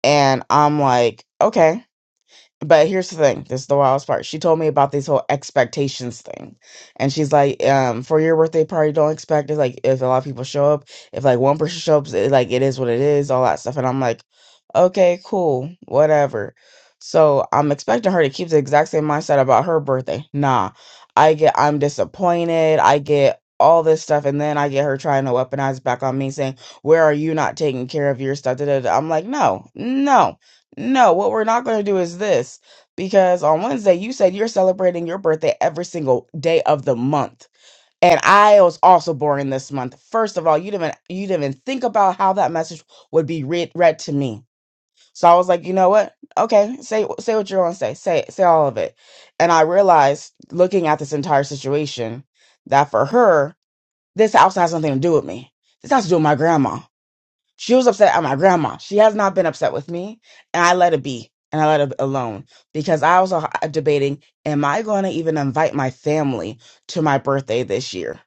[SPEAKER 9] and i'm like okay but here's the thing this is the wildest part she told me about this whole expectations thing and she's like um for your birthday party don't expect it like if a lot of people show up if like one person shows up it, like it is what it is all that stuff and i'm like okay cool whatever so i'm expecting her to keep the exact same mindset about her birthday nah i get i'm disappointed i get all this stuff and then i get her trying to weaponize back on me saying where are you not taking care of your stuff da, da, da. i'm like no no no, what we're not going to do is this because on Wednesday you said you're celebrating your birthday every single day of the month. And I was also born this month. First of all, you didn't you didn't even think about how that message would be read read to me. So I was like, you know what? Okay, say say what you're going to say. Say say all of it. And I realized looking at this entire situation that for her, this also has nothing to do with me. This has to do with my grandma she was upset at my grandma. She has not been upset with me, and I let it be and I let it alone because I was uh, debating: Am I going to even invite my family to my birthday this year?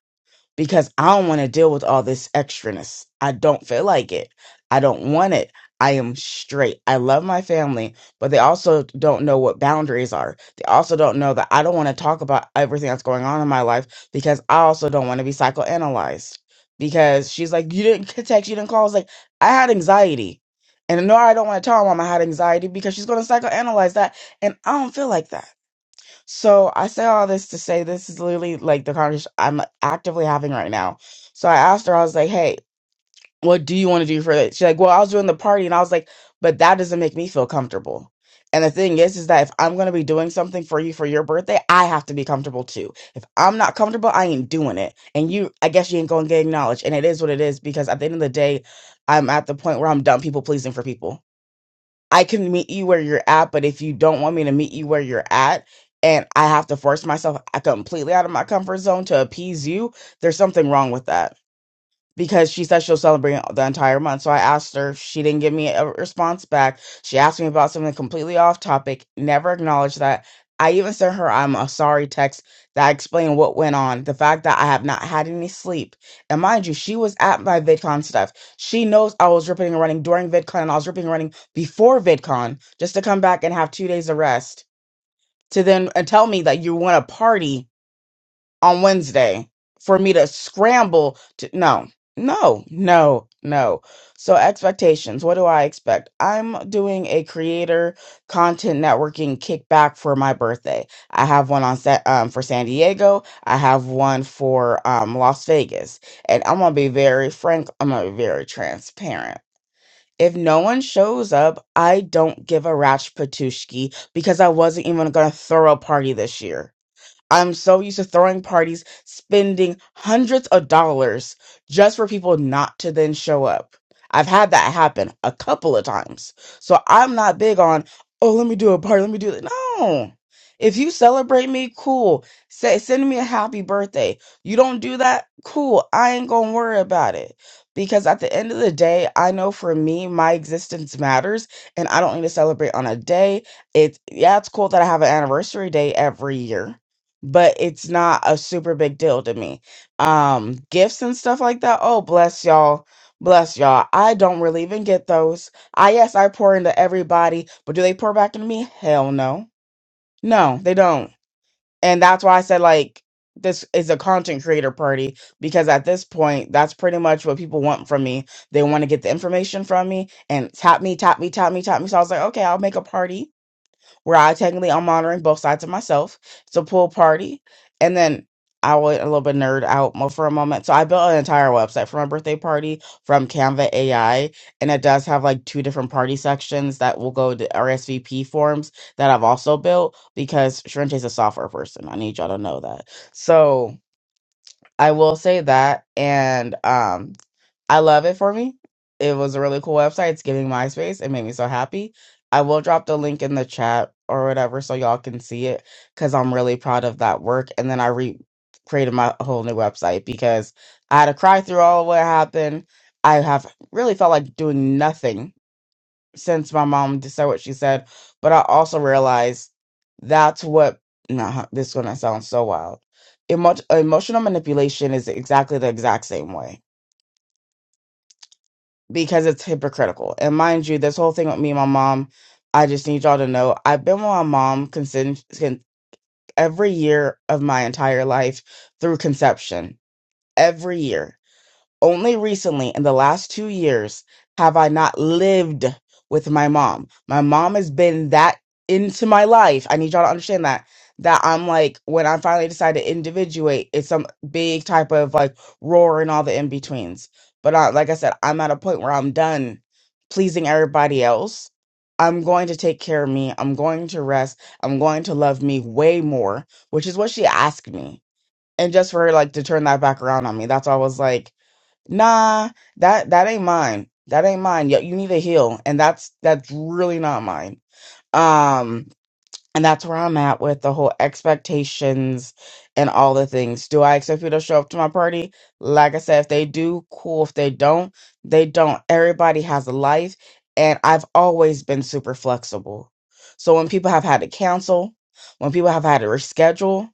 [SPEAKER 9] because I don't want to deal with all this extraness. I don't feel like it. I don't want it. I am straight. I love my family, but they also don't know what boundaries are. They also don't know that I don't want to talk about everything that's going on in my life because I also don't want to be psychoanalyzed. Because she's like, You didn't text, you didn't call. I was like, I had anxiety. And no, I don't want to tell her mom I had anxiety because she's going to psychoanalyze that. And I don't feel like that. So I say all this to say this is literally like the conversation I'm actively having right now. So I asked her, I was like, hey, what do you want to do for that? She's like, well, I was doing the party. And I was like, but that doesn't make me feel comfortable. And the thing is, is that if I'm going to be doing something for you for your birthday, I have to be comfortable too. If I'm not comfortable, I ain't doing it. And you, I guess you ain't going to get acknowledged. And it is what it is because at the end of the day, I'm at the point where I'm done people pleasing for people I can meet you where you're at, but if you don't want me to meet you where you're at, and I have to force myself uh, completely out of my comfort zone to appease you, there's something wrong with that because she said she'll celebrate the entire month. So I asked her. She didn't give me a response back. She asked me about something completely off topic, never acknowledged that. I even sent her I'm a sorry text that explained what went on, the fact that I have not had any sleep. And mind you, she was at my VidCon stuff. She knows I was ripping and running during VidCon and I was ripping and running before VidCon just to come back and have two days of rest to then and tell me that you want to party on Wednesday for me to scramble to no, no, no, no. So expectations, what do I expect? I'm doing a creator content networking kickback for my birthday. I have one on set um, for San Diego. I have one for um, Las Vegas, and I'm gonna be very frank. I'm gonna be very transparent. If no one shows up, I don't give a ratch patushki because I wasn't even gonna throw a party this year. I'm so used to throwing parties, spending hundreds of dollars just for people not to then show up. I've had that happen a couple of times. So I'm not big on, oh, let me do a party, let me do it. No. If you celebrate me, cool. Say, send me a happy birthday. You don't do that, cool. I ain't gonna worry about it. Because at the end of the day, I know for me, my existence matters and I don't need to celebrate on a day. It's, yeah, it's cool that I have an anniversary day every year but it's not a super big deal to me. Um, gifts and stuff like that. Oh, bless y'all. Bless y'all. I don't really even get those. I yes, I pour into everybody, but do they pour back into me? Hell no. No, they don't. And that's why I said like this is a content creator party because at this point that's pretty much what people want from me. They want to get the information from me and tap me, tap me, tap me, tap me. So I was like, okay, I'll make a party where I technically I'm monitoring both sides of myself. It's a pool party, and then I went a little bit nerd out mo- for a moment. So I built an entire website for my birthday party from Canva AI, and it does have like two different party sections that will go to RSVP forms that I've also built because Shrente is a software person. I need y'all to know that. So I will say that, and um. I love it for me. It was a really cool website. It's giving MySpace. It made me so happy. I will drop the link in the chat or whatever so y'all can see it because I'm really proud of that work. And then I re created my whole new website because I had to cry through all of what happened. I have really felt like doing nothing since my mom said what she said. But I also realized that's what, nah, this is going to sound so wild. Emo- emotional manipulation is exactly the exact same way because it's hypocritical. And mind you, this whole thing with me and my mom, I just need y'all to know I've been with my mom consent every year of my entire life through conception. Every year. Only recently, in the last two years, have I not lived with my mom. My mom has been that into my life. I need y'all to understand that. That I'm like, when I finally decide to individuate, it's some big type of like roar and all the in betweens. But I, like I said, I'm at a point where I'm done pleasing everybody else. I'm going to take care of me. I'm going to rest. I'm going to love me way more, which is what she asked me. And just for her like to turn that back around on me, that's why I was like, nah that that ain't mine that ain't mine you, you need to heal and that's that's really not mine um and that's where i'm at with the whole expectations and all the things do i expect people to show up to my party like i said if they do cool if they don't they don't everybody has a life and i've always been super flexible so when people have had to cancel when people have had to reschedule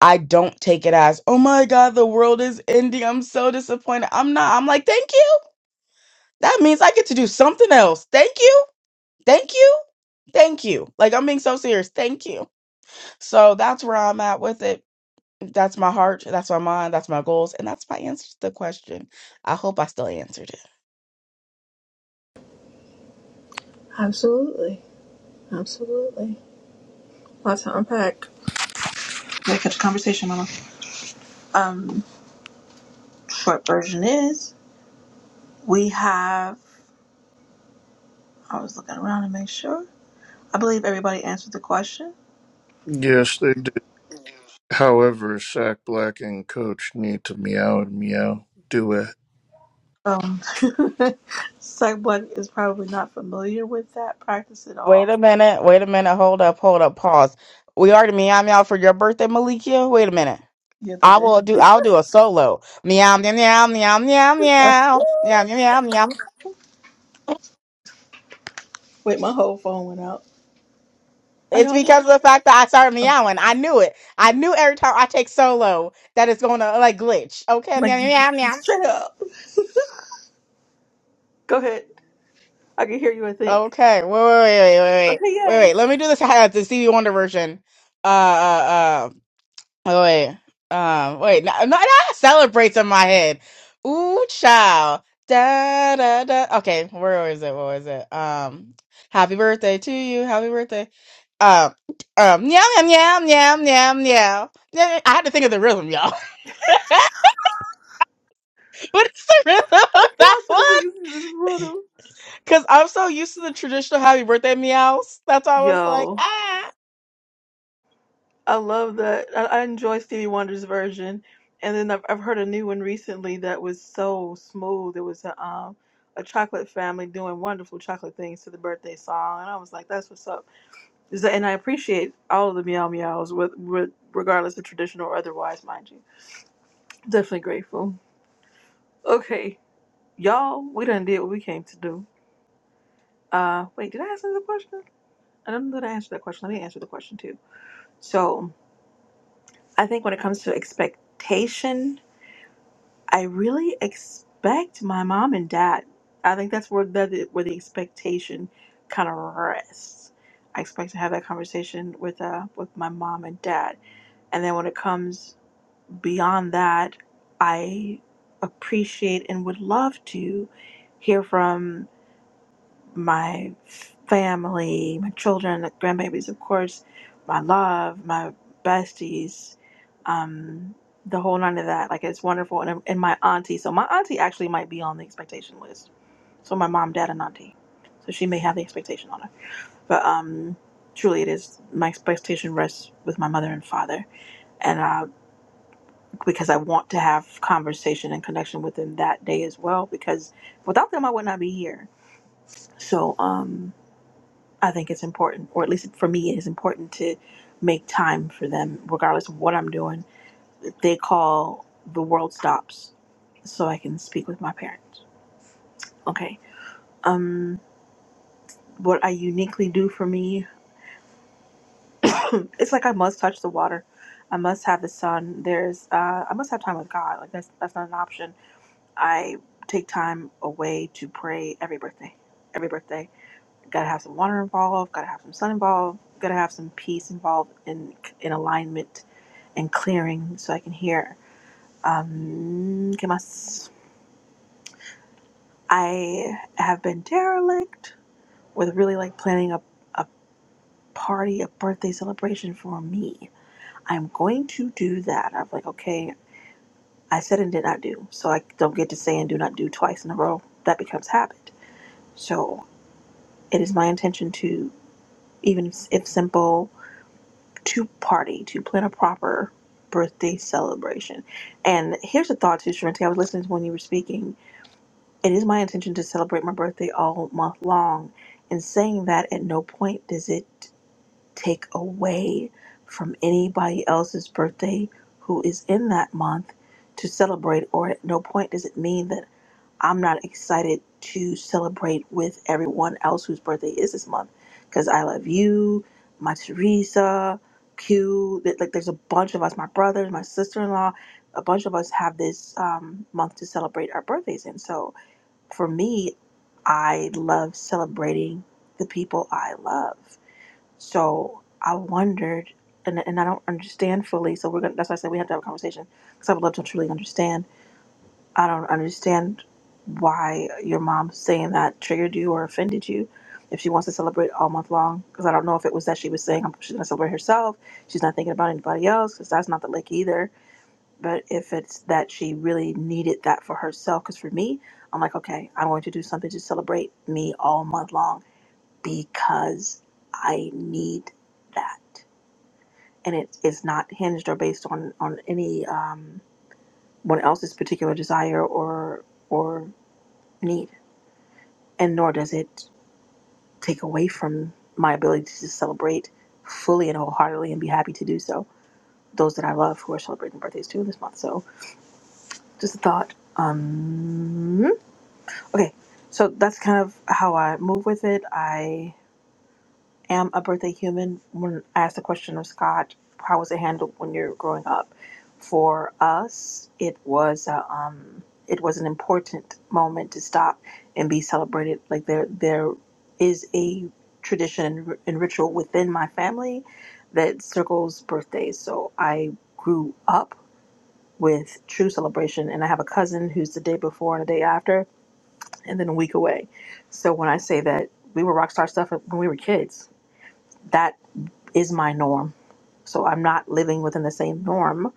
[SPEAKER 9] I don't take it as, oh my God, the world is ending. I'm so disappointed. I'm not. I'm like, thank you. That means I get to do something else. Thank you. Thank you. Thank you. Like, I'm being so serious. Thank you. So that's where I'm at with it. That's my heart. That's my mind. That's my goals. And that's my answer to the question. I hope I still answered it.
[SPEAKER 1] Absolutely. Absolutely. Lots to unpack. Yeah, catch a conversation, Mama. Um, short version is we have. I was looking around to make sure. I believe everybody answered the question.
[SPEAKER 2] Yes, they did. However, Sack Black and Coach need to meow and meow duet.
[SPEAKER 1] Um, someone is probably not familiar with that practice at
[SPEAKER 9] Wait
[SPEAKER 1] all.
[SPEAKER 9] a minute. Wait a minute. Hold up. Hold up. Pause. We already meow meow for your birthday, Malikia. Wait a minute.
[SPEAKER 1] Yeah, they
[SPEAKER 9] I
[SPEAKER 1] did.
[SPEAKER 9] will do. I'll do a solo. Meow meow meow meow meow meow meow meow meow meow
[SPEAKER 1] Wait, my whole phone went out. Are
[SPEAKER 9] It's
[SPEAKER 1] y'all
[SPEAKER 9] because
[SPEAKER 1] there?
[SPEAKER 9] of the fact that I started
[SPEAKER 1] Oh,
[SPEAKER 9] meowing. I knew it. I knew every time I take solo that it's going to like glitch. Okay, meow,
[SPEAKER 1] like,
[SPEAKER 9] meow, meow. meow.
[SPEAKER 1] straight up. Go ahead. I can hear you, I think.
[SPEAKER 9] Okay, wait, wait, wait, wait, wait,
[SPEAKER 1] Okay,
[SPEAKER 9] wait, wait.
[SPEAKER 1] yay.
[SPEAKER 9] wait. Let me do this. Uh, the Stevie Wonder version. Uh, uh, uh. oh, wait, um, wait. No, no, no. Celebrates in my head. Ooh, child. Da da da. Okay, where was it? What was it? Um, happy birthday to you. Happy birthday. Um, um, meow, meow, meow, meow, meow, meow. Yeah, I had to think of the rhythm, y'all. What is the rhythm
[SPEAKER 1] The
[SPEAKER 9] of that one?
[SPEAKER 1] processing is in this room.
[SPEAKER 9] Because I'm so used to the traditional happy birthday meows. That's why I was like,
[SPEAKER 1] Yo,
[SPEAKER 9] ah.
[SPEAKER 1] I love that. I, I enjoy Stevie Wonder's version. And then I've, I've heard a new one recently that was so smooth. It was a, um, a chocolate family doing wonderful chocolate things to the birthday song. And I was like, that's what's up. Is that, and I appreciate all of the meow meows, with, with regardless of traditional or otherwise, mind you. Definitely grateful. Okay, y'all, we done did what we came to do. Uh, wait, did I answer the question? I don't know that I answered that question. Let me answer the question too. So, I think when it comes to expectation, I really expect my mom and dad. I think that's where the where the expectation kind of rests. I expect to have that conversation with uh with my mom and dad. And then when it comes Beyond that, I appreciate and would love to hear from my family, my children, the grandbabies, of course, my love, my besties, um, the whole nine of that. Like, it's wonderful. And, and my auntie. So, my auntie actually might be on the expectation list. So, my mom, dad, and auntie. So, she may have the expectation on her. But um, truly, it is my expectation rests with my mother and father. and uh, because I want to have conversation and connection with them that day as well because without them I would not be here. So um I think it's important or at least for me it is important to make time for them regardless of what I'm doing. They call the world stops so I can speak with my parents. Okay. Um what I uniquely do for me it's like I must touch the water. I must have the sun. There's uh I must have time with God. Like that's that's not an option I take time away to pray every birthday. Every birthday, gotta have some water involved, gotta have some sun involved, gotta have some peace involved in in alignment and clearing, so I can hear. Um, que más? I have been derelict with really like planning a a party, a birthday celebration for me. I'm going to do that. I'm like, okay, I said and did not do, so I don't get to say and do not do twice in a row. That becomes habit. So It is my intention to, even if simple, to party, to plan a proper birthday celebration. And here's a thought too, Sharente. I was listening to when you were speaking. It is my intention to celebrate my birthday all month long. And saying that, at no point does it take away from anybody else's birthday who is in that month to celebrate, or at no point does it mean that I'm not excited to celebrate with everyone else whose birthday is this month because I love you, my Teresa, Q. th- Like, there's a bunch of us, my brothers, my sister in law, a bunch of us have this um, month to celebrate our birthdays. And so for me, I love celebrating the people I love. So I wondered, and, and I don't understand fully. So we're gonna, that's why I said we have to have a conversation because I would love to truly understand I don't understand why your mom saying that triggered you or offended you. If she wants to celebrate all month long, because I don't know if it was that she was saying um, she's going to celebrate herself, she's not thinking about anybody else, because that's not the lick either. But if it's that she really needed that for herself, because for me, I'm like, okay, I'm going to do something to celebrate me all month long because I need that, and it is not hinged or based on on any um, one else's particular desire or or need, and nor does it take away from my ability to celebrate fully and wholeheartedly and be happy to do so. Those that I love who are celebrating birthdays too this month. So just a thought. Um, okay, so that's kind of how I move with it. I. am a birthday human when I asked the question of Scott, how was it handled when you're growing up? For us, it was a, um, it was an important moment to stop and be celebrated. Like there there is a tradition and and ritual within my family that circles birthdays. So I grew up with true celebration, and I have a cousin who's the day before and the day after, and then a week away. So when I say that we were rock star stuff when we were kids, that is my norm. So I'm not living within the same norm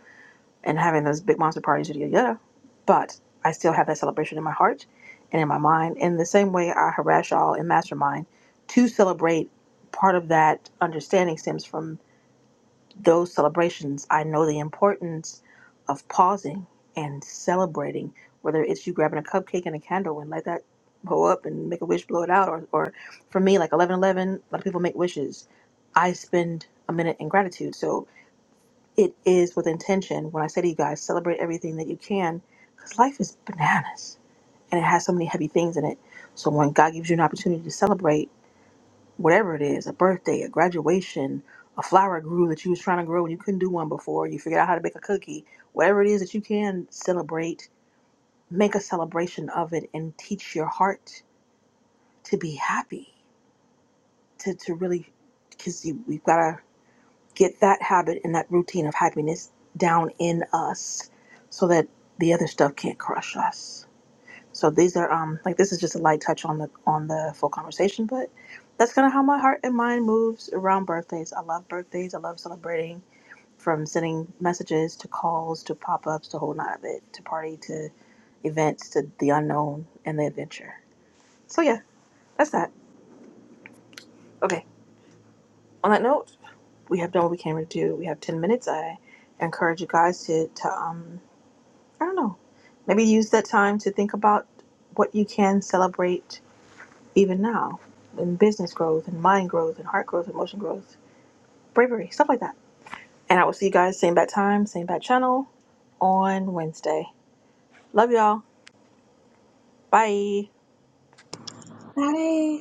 [SPEAKER 1] and having those big monster parties, yada yada. yada. But I still have that celebration in my heart and in my mind. In the same way, I harass y'all in Mastermind to celebrate. Part of that understanding stems from those celebrations, I know the importance of pausing and celebrating, whether it's you grabbing a cupcake and a candle and light that blow up and make a wish, blow it out, or, or for me, like 11 11, a lot of people make wishes. I spend a minute in gratitude. So it is with intention when I say to you guys, celebrate everything that you can, because life is bananas and it has so many heavy things in it. So when God gives you an opportunity to celebrate, whatever it is, a birthday, a graduation, a flower grew that you was trying to grow and you couldn't do one before, you figured out how to bake a cookie, whatever it is that you can celebrate, make a celebration of it and teach your heart to be happy, to, to really, because we've got to get that habit and that routine of happiness down in us so that the other stuff can't crush us. So these are um like this is just a light touch on the on the full conversation, but that's kind of how my heart and mind moves around birthdays. I love birthdays. I love celebrating from sending messages to calls to pop ups to whole nine of it to party to events to the unknown and the adventure. So yeah, that's that. Okay. On that note, we have done what we came to do. We have ten minutes. I encourage you guys to to um I don't know maybe use that time to think about what you can celebrate even now in business growth and mind growth and heart growth, emotion growth, bravery, stuff like that. And I will see you guys same bat time, same bat channel on Wednesday. Love y'all. Bye.
[SPEAKER 5] Hi.